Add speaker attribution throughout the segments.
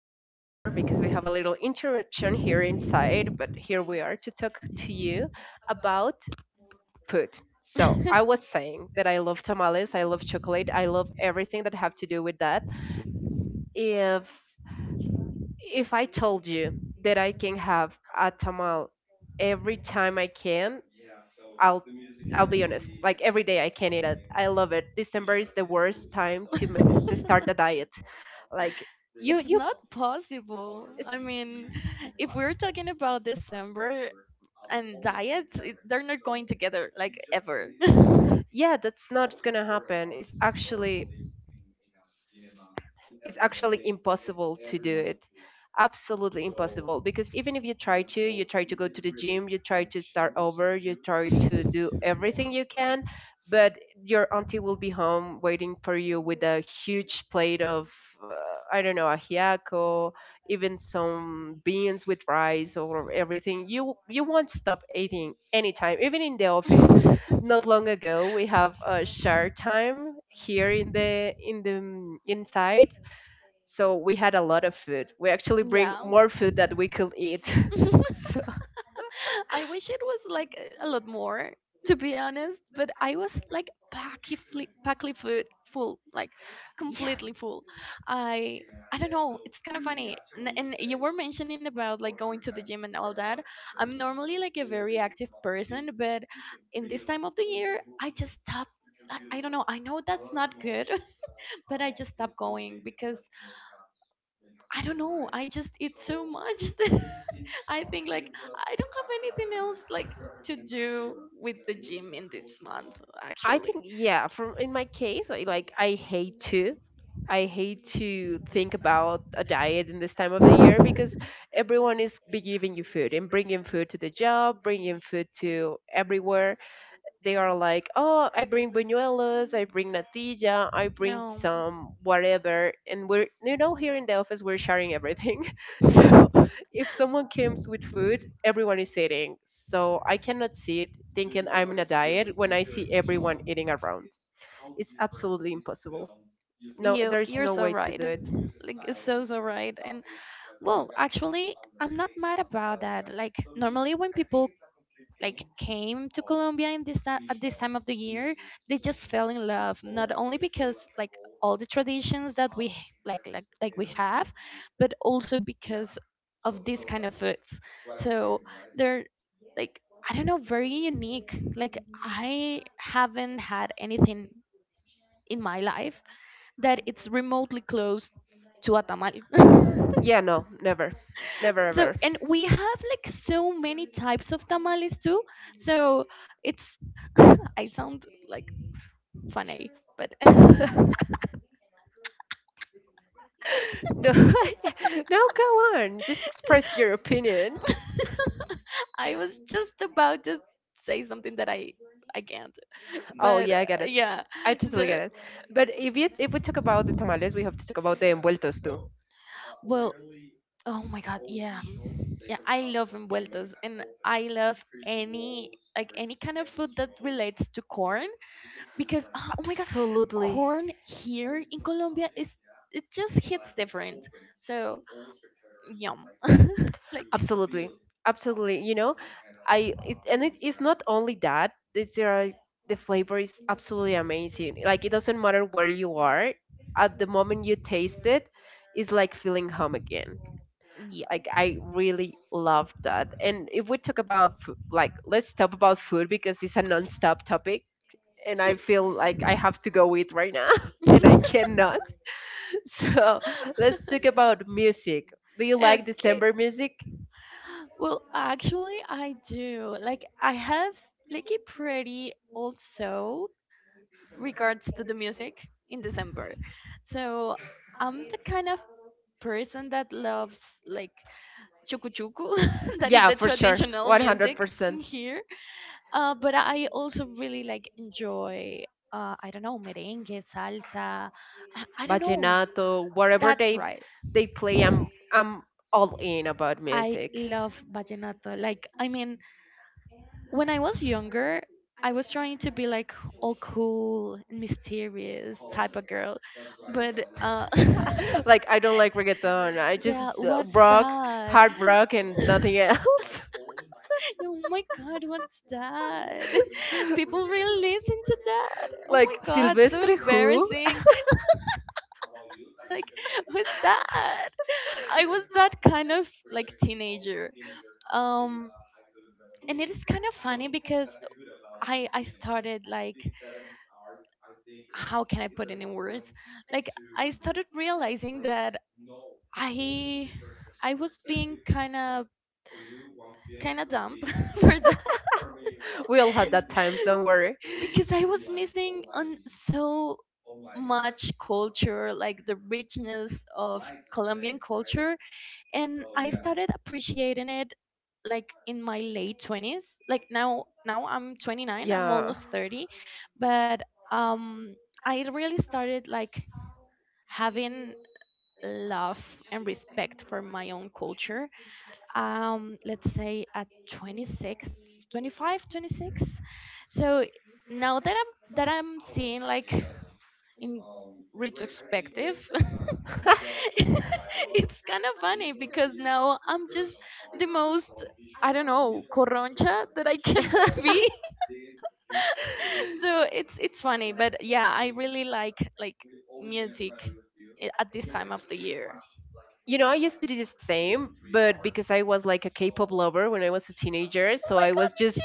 Speaker 1: start over because we have a little interruption here inside, but here we are to talk to you about food. So I was saying that I love tamales, I love chocolate, I love everything that have to do with that. If if I told you that I can have a tamal every time I can, I'll I'll be honest. Like every day I can eat it. I love it. December is the worst time to start a diet like you
Speaker 2: It's
Speaker 1: you
Speaker 2: not possible.
Speaker 1: It's
Speaker 2: I mean, if we're talking about December and diets, they're not going together like ever.
Speaker 1: yeah, that's not gonna happen. It's actually it's actually impossible to do it. Absolutely impossible, because even if you try to you try to go to the gym, you try to start over, you try to do everything you can, but your auntie will be home waiting for you with a huge plate of uh, I don't know, ajiaco, even some beans with rice, or everything. You won't stop eating anytime, even in the office. Not long ago we have a share time here in the inside, so we had a lot of food. We actually bring
Speaker 2: Yeah.
Speaker 1: more food that we could eat. So
Speaker 2: I wish it was like a lot more, to be honest. But I was like packy, packly food, full, like
Speaker 1: yeah.
Speaker 2: completely full. I I don't know. It's kind of funny. And you were mentioning about like going to the gym and all that. I'm normally like a very active person, but in this time of the year, I just stop. I don't know. I know that's not good, but I just stop going because I don't know. I just eat so much that I think like I don't have anything else like to do with the gym in this month
Speaker 1: I
Speaker 2: actually.
Speaker 1: think yeah, from in my case, I hate to I hate to think about a diet in this time of the year, because everyone is be giving you food and bringing food to the job, bringing food to everywhere. They are like, oh, I bring buñuelos, I bring natilla, I bring some whatever, and we're here in the office we're sharing everything. So if someone comes with food, everyone is eating. So I cannot sit thinking I'm on a diet when I see everyone eating around. It's absolutely impossible. No,
Speaker 2: You
Speaker 1: there's
Speaker 2: you're
Speaker 1: no
Speaker 2: so
Speaker 1: way to
Speaker 2: right.
Speaker 1: do it.
Speaker 2: Like so right. And, well, actually, I'm not mad about that. Like normally when people like came to Colombia at this time of the year, they just fell in love. Not only because like all the traditions that like we have, but also because of this kind of foods. So they're like, I don't know, very unique. Like, I haven't had anything in my life that it's remotely close to a tamal.
Speaker 1: Yeah, no, never,
Speaker 2: So,
Speaker 1: never
Speaker 2: and we have like so many types of tamales too. So, it's, I sound like funny, but.
Speaker 1: ever. No, no, go on. Just express your opinion.
Speaker 2: I was just about to say something that I can't.
Speaker 1: Oh
Speaker 2: But
Speaker 1: yeah, I get it.
Speaker 2: yeah,
Speaker 1: I totally get
Speaker 2: so.
Speaker 1: it. But if we talk about the tamales, we have to talk about the envueltos too.
Speaker 2: Well, oh my God, yeah. Yeah, I love envueltas and I love any like any kind of food that relates to corn because oh, oh my God,
Speaker 1: Absolutely.
Speaker 2: corn here in Colombia is it just hits different. So, yum. Like,
Speaker 1: Absolutely. Absolutely. You know, I it, and it is not only that. The flavor is absolutely amazing. Like it doesn't matter where you are, at the moment you taste it, it's like feeling home again.
Speaker 2: yeah.
Speaker 1: Like I really love that. And if we talk about food, like let's talk about food, because it's a non-stop topic and I feel like I have to go eat right now and I cannot. So let's talk about music. Do you like
Speaker 2: Okay.
Speaker 1: December music?
Speaker 2: Well, actually, I do. Like, I have like a pretty old soul regards to the music in December. So I'm the kind of person that loves like chuku chuku, that is
Speaker 1: Yeah,
Speaker 2: the
Speaker 1: for sure,
Speaker 2: traditional music in
Speaker 1: 100%.
Speaker 2: here. But I also really like enjoy, I don't know, merengue, salsa. I don't know.
Speaker 1: Vallenato, whatever
Speaker 2: That's
Speaker 1: they
Speaker 2: right.
Speaker 1: they play. I'm all in about
Speaker 2: I
Speaker 1: music.
Speaker 2: love vallenato. Like, I mean, when I was younger, I was trying to be like all cool and mysterious type of girl, but
Speaker 1: Like I don't like reggaeton. I
Speaker 2: yeah,
Speaker 1: just
Speaker 2: what's
Speaker 1: rock,
Speaker 2: that?
Speaker 1: hard rock, and nothing else.
Speaker 2: Oh my god, what's that? People really listen to that? Oh my
Speaker 1: Like
Speaker 2: god, so
Speaker 1: Silvestre who?
Speaker 2: embarrassing. Like, who's that? I was that kind of like teenager. um and it is kind of funny because I started like, how can I put it in words, like I started realizing that i I was being kind of dumb for that.
Speaker 1: We all had that times. Don't worry.
Speaker 2: Because I was missing on so much culture, like the richness of Colombian culture. And I started appreciating it like in my late 20s. Like, now I'm 29, I'm
Speaker 1: Yeah.
Speaker 2: almost 30, but um, I really started like having love and respect for my own culture. Let's say at 26, 25, 26. So now that I'm seeing, like, in retrospective, it's kind of funny because now I'm just the most, I don't know, coroncha that I can be. So it's funny, but yeah, I really like music at this time of the year.
Speaker 1: You know, I used to do the same, but because I was like a K-pop lover when I was a teenager,
Speaker 2: Oh
Speaker 1: so
Speaker 2: my
Speaker 1: I
Speaker 2: god,
Speaker 1: was
Speaker 2: me too.
Speaker 1: just,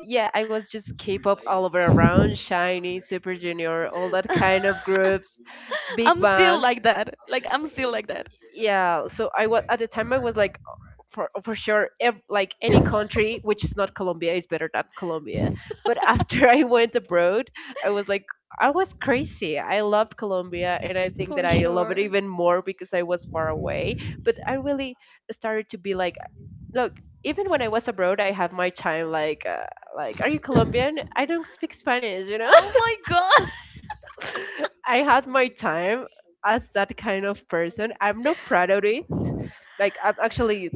Speaker 1: yeah, I was just K-pop all over around, Shiny, Super Junior, all that kind of groups, Big
Speaker 2: I'm still
Speaker 1: Bang.
Speaker 2: like that, like I'm still like that.
Speaker 1: Yeah, so I was at the time I was like, for sure, like any country which is not Colombia is better than Colombia. But after I went abroad, I was like, I was crazy. I loved Colombia and I think
Speaker 2: For
Speaker 1: that I love it
Speaker 2: sure.
Speaker 1: even more because I was far away. But I really started to be like, look, even when I was abroad I had my time like like, are you Colombian? I don't speak Spanish, you know.
Speaker 2: Oh my god.
Speaker 1: I had my time as that kind of person. I'm not proud of it. Like I'm actually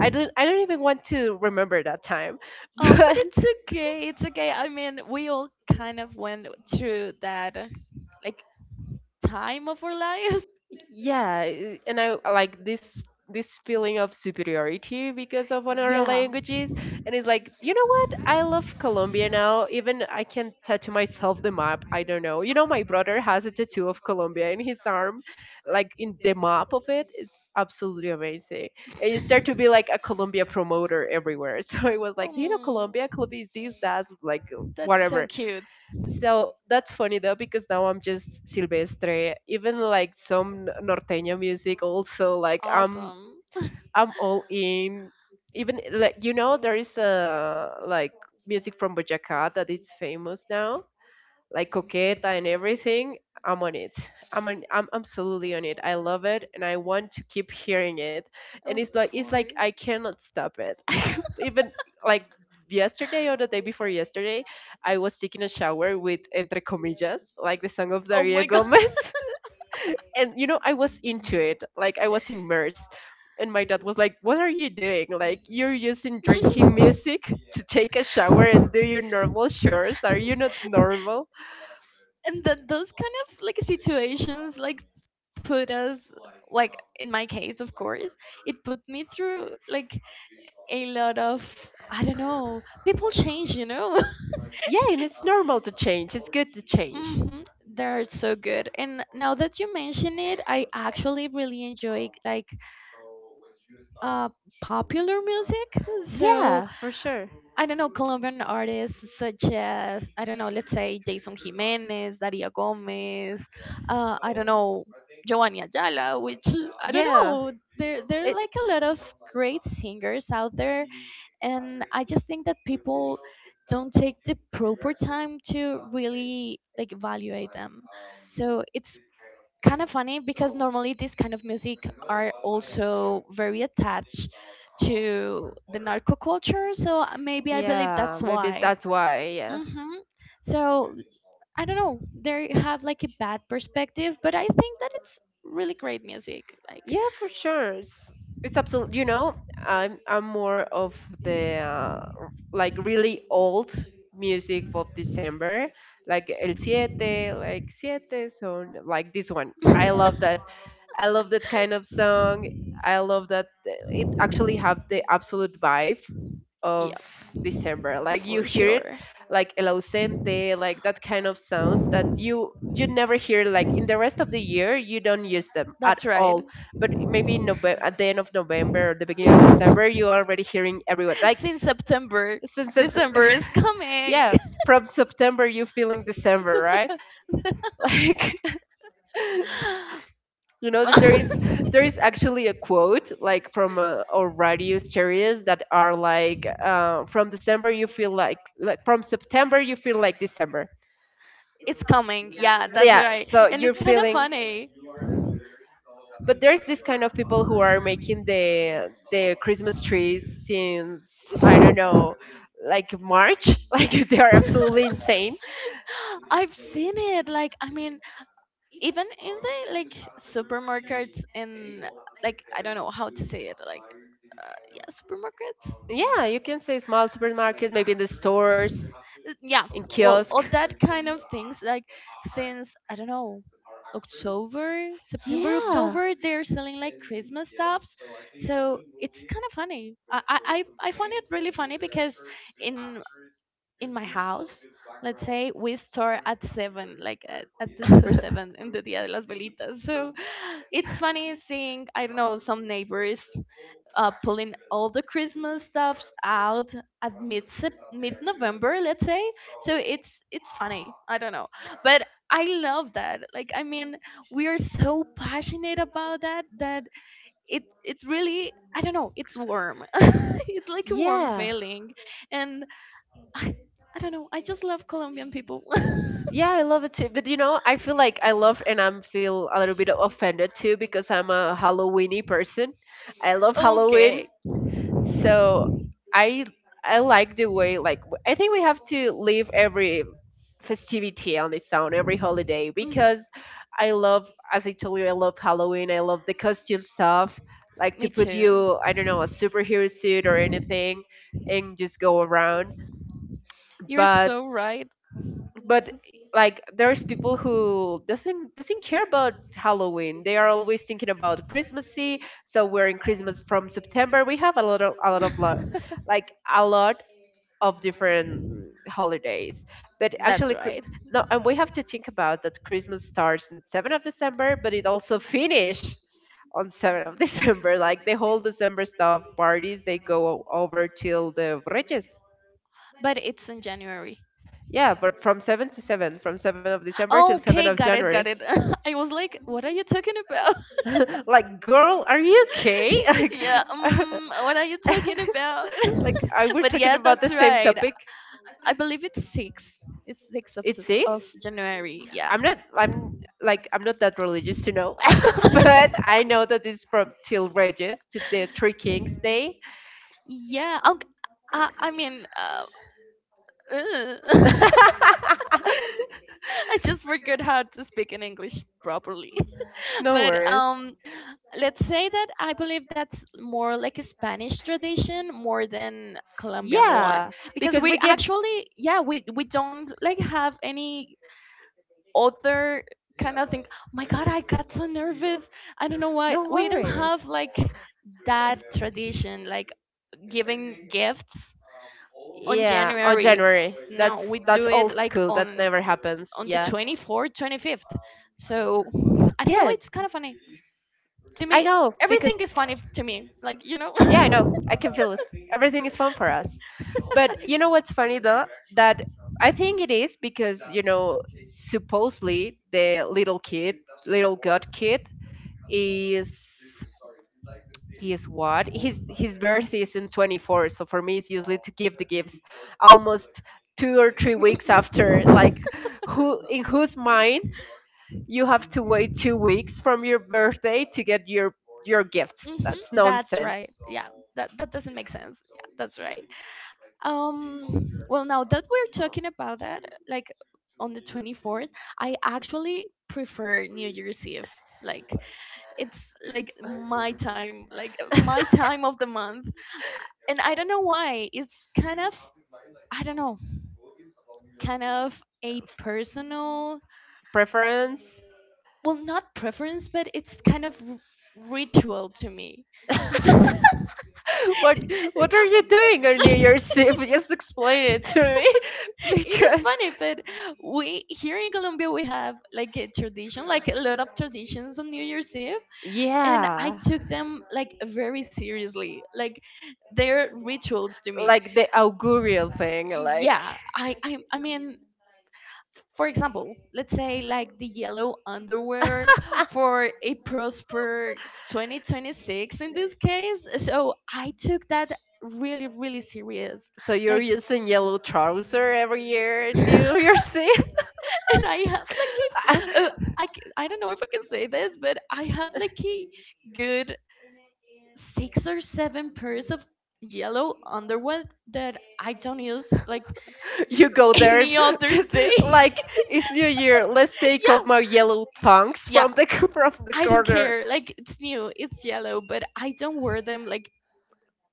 Speaker 1: I don't even want to remember that time.
Speaker 2: Oh, but
Speaker 1: But
Speaker 2: it's okay. It's okay. I mean, we all kind of went through that like time of our lives.
Speaker 1: yeah, I- and I I like this feeling of superiority because of one of our
Speaker 2: Yeah.
Speaker 1: languages. And it's like, you know what, I love Colombia now. Even I can tattoo myself the map, I don't know. You know, my brother has a tattoo of Colombia in his arm, like in the map of it. It's absolutely amazing. And you start to be like a Colombia promoter everywhere. So it was like, do you know
Speaker 2: Mm.
Speaker 1: Colombia? Colombia is this, that's like
Speaker 2: That's so
Speaker 1: whatever.
Speaker 2: cute.
Speaker 1: So that's funny though, because now I'm just Silvestre. Even like some norteño music also. Like
Speaker 2: Awesome.
Speaker 1: I'm all in. Even like, you know, there is a like music from Boyacá that is famous now, like coqueta and everything. I'm on it. I'm absolutely on it. I love it and I want to keep hearing it. And
Speaker 2: Of
Speaker 1: it's
Speaker 2: course.
Speaker 1: like I cannot stop it. Even like yesterday or the day before yesterday, I was taking a shower with entre comillas, like the song of
Speaker 2: Oh my
Speaker 1: Daria
Speaker 2: god.
Speaker 1: Gomez. And you know, I was into it. Like I was immersed. And my dad was like, what are you doing? Like you're using drinking music to take a shower and do your normal chores. Are you not normal?
Speaker 2: and that those kind of like situations, like, put us, like in my case, of course, it put me through like a lot of, I don't know, people change.
Speaker 1: Yeah, and it's normal to change. It's good to change.
Speaker 2: Mm-hmm. They're so good. And now that you mention it, I actually really enjoy like uh popular music. So,
Speaker 1: Yeah, for sure.
Speaker 2: I don't know, Colombian artists such as, I don't know, let's say Jason Jimenez, Daria Gomez, I don't know, Giovanni Ayala, which I don't
Speaker 1: Yeah.
Speaker 2: know. There
Speaker 1: It
Speaker 2: there are like a lot of great singers out there, and I just think that people don't take the proper time to really like evaluate them. So it's kind of funny because normally this kind of music are also very attached to the narco culture. So maybe I believe
Speaker 1: Yeah,
Speaker 2: that's
Speaker 1: maybe
Speaker 2: why.
Speaker 1: that's why. Yeah.
Speaker 2: Hmm. So I don't know. They have like a bad perspective, but I think that it's really great music. Like,
Speaker 1: Yeah, for sure. It's absolute, you know, I'm more of the like really old music of December, like El Siete, like Siete, so like this one. I love that. I love that kind of song. I love that it actually have the absolute vibe of
Speaker 2: yeah,
Speaker 1: December. Like you
Speaker 2: for
Speaker 1: hear it
Speaker 2: sure.
Speaker 1: like El Ausente, like that kind of sounds that you never hear like in the rest of the year. You don't use them at
Speaker 2: That's right.
Speaker 1: all. But maybe in November, at the end of November or the beginning of December, you are already hearing everyone. Like
Speaker 2: Since September,
Speaker 1: since Sept-
Speaker 2: December is coming.
Speaker 1: yeah, from September you feeling December, right? Like you know that there is actually a quote like from or radio series that are like from December you feel like from September you feel like December.
Speaker 2: It's coming. Yeah, that's
Speaker 1: Yeah,
Speaker 2: right.
Speaker 1: so
Speaker 2: And
Speaker 1: you're
Speaker 2: it's kind of
Speaker 1: feeling.
Speaker 2: funny.
Speaker 1: But there's this kind of people who are making the Christmas trees since I don't know, like March. Like they are absolutely insane.
Speaker 2: I've seen it. Like, I mean, even in the like supermarkets in, like, I don't know how to say it. Like, yeah, supermarkets.
Speaker 1: Yeah, you can say small supermarkets, maybe in the stores,
Speaker 2: Yeah,
Speaker 1: in
Speaker 2: well,
Speaker 1: kiosk.
Speaker 2: all that kind of things, like, since I don't know, October, September, October, they're selling like Christmas stuffs. So it's kind of funny. I find it really funny because in in my house, let's say, we start at 7, like at December 7th, in the dia de las Velitas. So it's funny seeing, I don't know, some neighbors, pulling all the Christmas stuffs out at mid November, let's say. So it's funny. I don't know, but I love that. Like, I mean, we are so passionate about that, that it really, I don't know, it's warm. It's like a warm feeling, and I I don't know. I just love Colombian people.
Speaker 1: Yeah, I love it too. But you know, I feel like I love and I'm feel a little bit offended too, because I'm a Halloweeny person. I love Halloween.
Speaker 2: Okay.
Speaker 1: So i I like the way like I think we have to leave every festivity on its own, every holiday.
Speaker 2: Mm.
Speaker 1: Because I love, as I told you, I love Halloween. I love the costume stuff, like
Speaker 2: Me
Speaker 1: to put
Speaker 2: too.
Speaker 1: you, I don't know, a superhero suit or anything, and just go around.
Speaker 2: You're
Speaker 1: but
Speaker 2: so right.
Speaker 1: but like there's people who doesn't care about Halloween. They are always thinking about Christmassy. So we're in Christmas from September. We have a lot of like a lot of different holidays. But
Speaker 2: That's
Speaker 1: actually,
Speaker 2: right.
Speaker 1: no, and we have to think about that Christmas starts on 7th of December, but it also finish on 7th of December. Like the whole December stuff, parties, they go over till the Reyes.
Speaker 2: But it's in January.
Speaker 1: Yeah, but from 7 to 7, from 7 of December till 7
Speaker 2: Okay,
Speaker 1: of
Speaker 2: got it,
Speaker 1: January.
Speaker 2: got it. I was like, what are you talking about?
Speaker 1: Like, girl, are you okay?
Speaker 2: Yeah,
Speaker 1: Like,
Speaker 2: what are you talking about?
Speaker 1: like I
Speaker 2: But
Speaker 1: we
Speaker 2: yeah,
Speaker 1: talking
Speaker 2: that's
Speaker 1: about the same
Speaker 2: right.
Speaker 1: topic.
Speaker 2: I believe it's 6. It's 6 of, s-
Speaker 1: It's six.
Speaker 2: of January. Yeah.
Speaker 1: I'm like I'm not that religious to know, but I know that it's from till Regis to the Three Kings Day.
Speaker 2: Yeah. Okay. I mean, ugh. I just forgot how to speak in English properly.
Speaker 1: No
Speaker 2: But
Speaker 1: worries.
Speaker 2: let's say that I believe that's more like a Spanish tradition more than Colombian
Speaker 1: Yeah,
Speaker 2: one, because
Speaker 1: because we
Speaker 2: we
Speaker 1: give
Speaker 2: actually, yeah, we don't like have any other kind of thing. My God, I got so nervous. I don't know why. We don't have like that tradition like giving gifts on
Speaker 1: Yeah, on
Speaker 2: January.
Speaker 1: January.
Speaker 2: No, we
Speaker 1: That's
Speaker 2: do it
Speaker 1: old
Speaker 2: like
Speaker 1: school. That
Speaker 2: on
Speaker 1: never happens.
Speaker 2: on the
Speaker 1: Yeah.
Speaker 2: 24th, 25th. So I don't know.
Speaker 1: Yes.
Speaker 2: It's kind of funny to
Speaker 1: I
Speaker 2: me.
Speaker 1: know
Speaker 2: Everything
Speaker 1: because
Speaker 2: is funny to me. Like, you know.
Speaker 1: yeah, I know. I can feel it. Everything is fun for us. But you know what's funny though? That I think it is because, you know, supposedly the little kid, little god kid is he is what? His birth is in 24, so for me it's usually to give the gifts almost 2 or 3 weeks after. Like who in whose mind you have to wait 2 weeks from your birthday to get your gift. That's
Speaker 2: Mm-hmm, that's
Speaker 1: nonsense.
Speaker 2: right. Yeah, that doesn't make sense. Yeah, that's right. Well, now that we're talking about that, like on the 24th, I actually prefer New Year's Eve. Like, it's like my time of the month. And I don't know why. It's kind of, I don't know, kind of a personal,
Speaker 1: Preference.
Speaker 2: well, not preference, but it's kind of ritual to me.
Speaker 1: What what are you doing on New Year's Eve? Just explain it to me,
Speaker 2: It is
Speaker 1: because
Speaker 2: funny, but we here in Colombia we have like a tradition, like a lot of traditions, on New Year's Eve, and I
Speaker 1: yeah,
Speaker 2: took them like very seriously, like they're rituals to me.
Speaker 1: like the augurial thing. Like
Speaker 2: Yeah, I mean, for example, let's say like the yellow underwear for a prosper 2026, in this case. So I took that really, really serious.
Speaker 1: so, you're
Speaker 2: Like,
Speaker 1: using yellow trouser every year in
Speaker 2: and
Speaker 1: New Year's
Speaker 2: I have like, if,
Speaker 1: Eve.
Speaker 2: uh, I don't know if I can say this, but I have like a good 6 or 7 pairs of yellow underwear that I don't use like
Speaker 1: You go there
Speaker 2: any other
Speaker 1: just
Speaker 2: day.
Speaker 1: like it's new year, let's take
Speaker 2: Yeah.
Speaker 1: out my yellow tongues
Speaker 2: Yeah.
Speaker 1: from the from the
Speaker 2: I don't
Speaker 1: corner.
Speaker 2: care. Like it's new, it's yellow, but I don't wear them like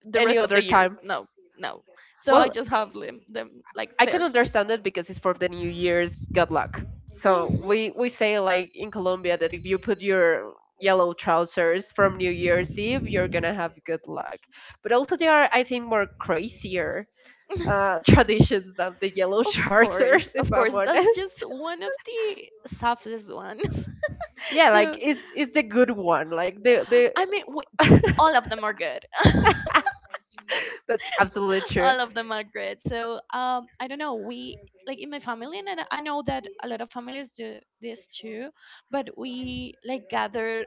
Speaker 2: the
Speaker 1: Any
Speaker 2: rest of
Speaker 1: other
Speaker 2: the year.
Speaker 1: time.
Speaker 2: No, no. So I
Speaker 1: Well,
Speaker 2: just have them like
Speaker 1: I can
Speaker 2: there.
Speaker 1: understand it because it's for the new year's good luck. So
Speaker 2: Mhm.
Speaker 1: we say like in Colombia that if you put your yellow trousers from New Year's Eve, you're gonna have good luck. But also there are I think more crazier traditions than the yellow trousers,
Speaker 2: Of
Speaker 1: if
Speaker 2: course,
Speaker 1: I'm
Speaker 2: that's
Speaker 1: honest.
Speaker 2: just one of the softest ones.
Speaker 1: Yeah,
Speaker 2: So,
Speaker 1: like it's the good one, like the
Speaker 2: I mean, all of them are good.
Speaker 1: That's absolutely true.
Speaker 2: All of them are good. So, I don't know. We, like in my family, and I know that a lot of families do this too. But we like gather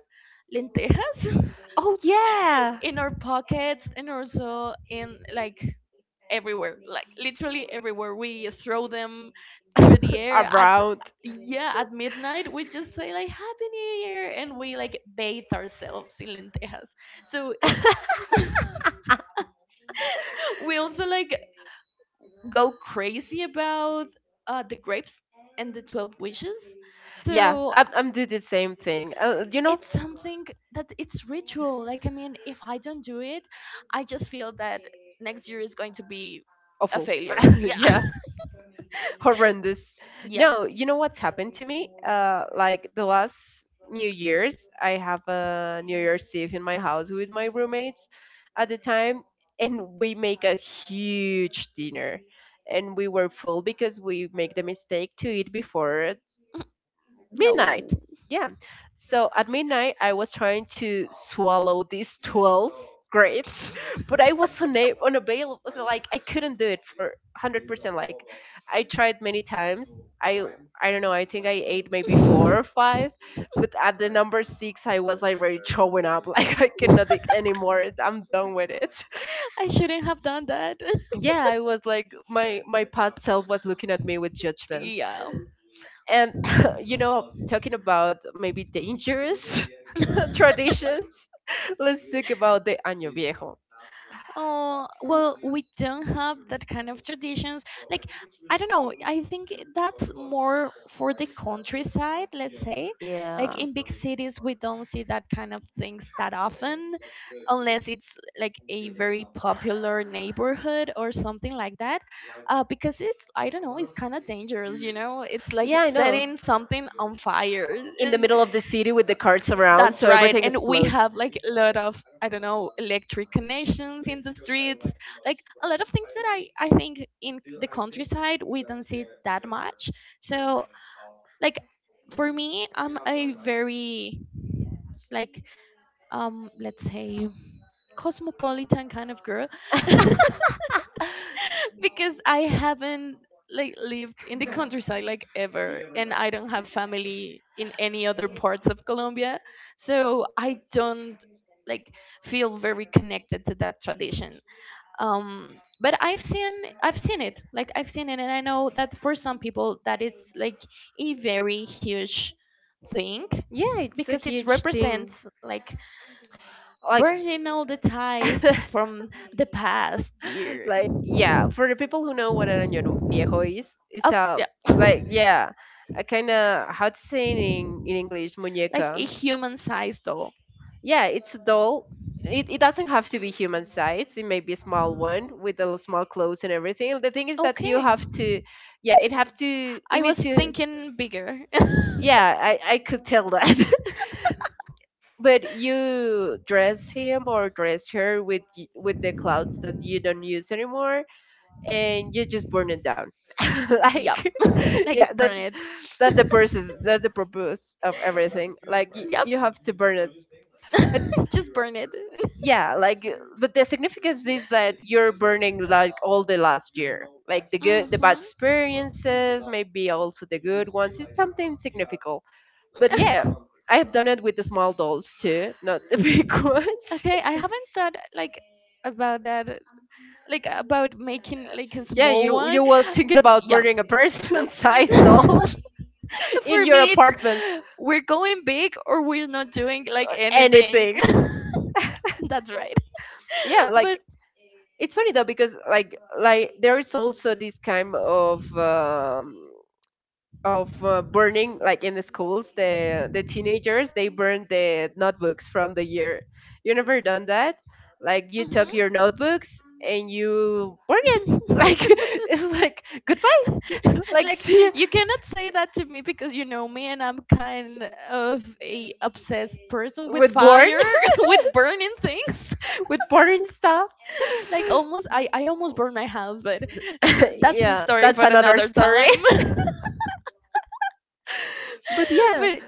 Speaker 2: lentejas
Speaker 1: Oh yeah.
Speaker 2: in our pockets and also in like everywhere, like literally everywhere. We throw them through the air at
Speaker 1: Around.
Speaker 2: yeah at midnight. We just say like Happy New Year, and we like bathe ourselves in lentejas. So it's we also like go crazy about the grapes and the 12 wishes.
Speaker 1: Yeah,
Speaker 2: So
Speaker 1: I'm do the same thing.
Speaker 2: it's something that it's ritual. Like, I mean, if I don't do it, I just feel that next year is going to be a
Speaker 1: Awful.
Speaker 2: failure. Yeah.
Speaker 1: yeah, horrendous. No, you know what's happened to me? Like the last New Year's, I have a New Year's Eve in my house with my roommates at the time, and we make a huge dinner. And we were full because we make the mistake to eat before midnight. Yeah. So at midnight, I was trying to swallow these 12 grapes, but I was unavailable. So, like, I couldn't do it for 100%. Like, I tried many times. I I don't know. I think I ate maybe four or five, but at the number six, I was like really showing up. Like I could not take anymore. I'm done with it.
Speaker 2: I shouldn't have done that.
Speaker 1: Yeah, I was like my past self was looking at me with judgment and, talking about maybe dangerous traditions. Let's talk about the año viejo.
Speaker 2: Oh, well, we don't have that kind of traditions. Like, I don't know. I think that's more for the countryside, let's say. Like,
Speaker 1: Yeah,
Speaker 2: in big cities, we don't see that kind of things that often, unless it's like a very popular neighborhood or something like that. Because it's, I don't know, it's kind of dangerous, you know? It's like
Speaker 1: yeah, I know,
Speaker 2: setting something on fire.
Speaker 1: in the
Speaker 2: And
Speaker 1: middle of the city with the cars around,
Speaker 2: that's
Speaker 1: so
Speaker 2: right.
Speaker 1: everything
Speaker 2: And we
Speaker 1: explodes.
Speaker 2: have like a lot of, I don't know, electric connections in the streets, like a lot of things that, I think, in the countryside we don't see that much. So, like, for me, I'm a very, like, let's say, cosmopolitan kind of girl. Because I haven't like lived in the countryside like ever, and I don't have family in any other parts of Colombia, so I don't like feel very connected to that tradition, but I've seen it, like I've seen it, and I know that for some people that it's like a very huge thing,
Speaker 1: Yeah, it's a
Speaker 2: because it
Speaker 1: huge thing.
Speaker 2: represents like
Speaker 1: Like,
Speaker 2: burning all the ties from the past year.
Speaker 1: like, yeah, for the people who know what an año viejo is, it's
Speaker 2: Oh,
Speaker 1: a,
Speaker 2: yeah,
Speaker 1: like, yeah, a kind of, how to say it in English,
Speaker 2: like a
Speaker 1: muñeca.
Speaker 2: human size doll.
Speaker 1: Yeah, it's a doll. It doesn't have to be human sized. It may be a small one with a small clothes and everything. The thing is that you
Speaker 2: Okay,
Speaker 1: have to, yeah, it have to. You
Speaker 2: I was
Speaker 1: need to.
Speaker 2: thinking bigger.
Speaker 1: Yeah, I could tell that. But you dress him or dress her with with the clothes that you don't use anymore, and you just burn it down.
Speaker 2: Yep.
Speaker 1: like, yeah,
Speaker 2: Like, burn
Speaker 1: that's
Speaker 2: it.
Speaker 1: that's the process. That's the purpose of everything. Like,
Speaker 2: Yep.
Speaker 1: you have to burn it. But
Speaker 2: Just burn it.
Speaker 1: yeah, like, but the significance is that you're burning like all the last year, like the good, the bad
Speaker 2: Hmm.
Speaker 1: experiences, maybe also the good ones. It's something significant. But yeah, I have done it with the small dolls too, not the big ones.
Speaker 2: Okay, I haven't thought like about that, like about making like a
Speaker 1: Yeah,
Speaker 2: small
Speaker 1: you
Speaker 2: one.
Speaker 1: you were thinking about
Speaker 2: Yeah.
Speaker 1: burning a
Speaker 2: No.
Speaker 1: person sized doll in
Speaker 2: For
Speaker 1: your
Speaker 2: me, it's
Speaker 1: apartment
Speaker 2: we're going big or we're not doing like
Speaker 1: or
Speaker 2: anything.
Speaker 1: anything.
Speaker 2: That's right.
Speaker 1: Yeah,
Speaker 2: But.
Speaker 1: like, it's funny though, because like there is also this kind of, of burning like in the schools, the teenagers, they burn the notebooks from the year. You never done that? Like, you took your notebooks and you burn it,
Speaker 2: Mhm.
Speaker 1: like it's like goodbye, like
Speaker 2: Like,
Speaker 1: see you.
Speaker 2: you cannot say that to me, because you know me and I'm kind of a obsessed person with
Speaker 1: With born
Speaker 2: fire, with burning things.
Speaker 1: with born stuff.
Speaker 2: Like, almost I almost burned my house, but that's a
Speaker 1: yeah,
Speaker 2: story
Speaker 1: that's
Speaker 2: for
Speaker 1: another
Speaker 2: another
Speaker 1: story.
Speaker 2: time.
Speaker 1: but yeah,
Speaker 2: But,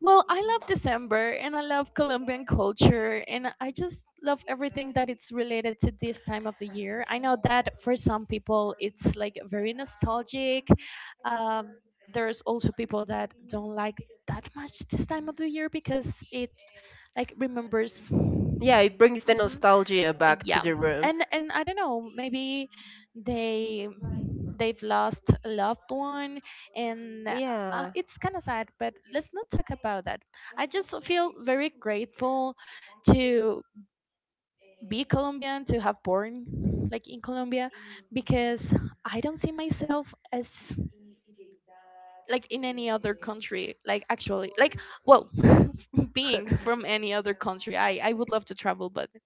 Speaker 2: well, I love December and I love Colombian culture, and I just love everything that it's related to this time of the year. I know that for some people it's like very nostalgic. Um, there's also people that don't like that much this time of the year because it like remembers.
Speaker 1: yeah, it brings the
Speaker 2: Mhm.
Speaker 1: nostalgia
Speaker 2: Uh,
Speaker 1: back to
Speaker 2: Yeah,
Speaker 1: the room.
Speaker 2: and I don't know, maybe they they've lost a loved one, and
Speaker 1: Yeah,
Speaker 2: it's kind of sad. But let's not talk about that. I just feel very grateful to be Colombian, to have born like in Colombia, because I don't see myself as like in any other country, like actually, like, well, being from any other country, I would love to travel, but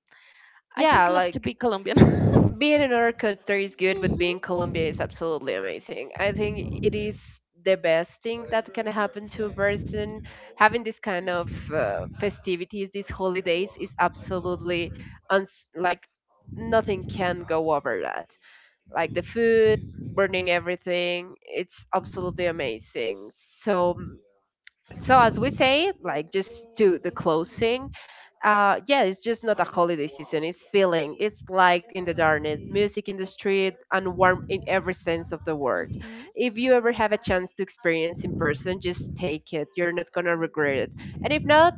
Speaker 2: I
Speaker 1: yeah,
Speaker 2: just love to be
Speaker 1: like,
Speaker 2: Colombian.
Speaker 1: being in another country is good, but
Speaker 2: Mhm.
Speaker 1: being Colombia is
Speaker 2: Mhm.
Speaker 1: absolutely amazing. I think it is the best thing that can happen to a person. Having this kind of festivities, these holidays, is absolutely like nothing can go over that. Like the food, burning everything, it's absolutely amazing. So, so as we say, like, just to the closing, yeah, it's just not a holiday season, it's feeling, it's light in the darkness, music in the street, and warm in every sense of the word. If you ever have a chance to experience in person, just take it, you're not gonna regret it. And if not,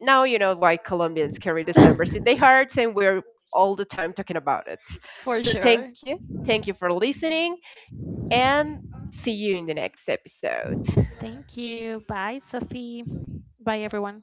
Speaker 1: now you know why Colombians carry December's in their hearts, and we're all the time talking about it.
Speaker 2: For
Speaker 1: So thank
Speaker 2: sure.
Speaker 1: you, thank you for listening, and see you in the next episode.
Speaker 2: Thank you. Bye, Sophie. Bye, everyone.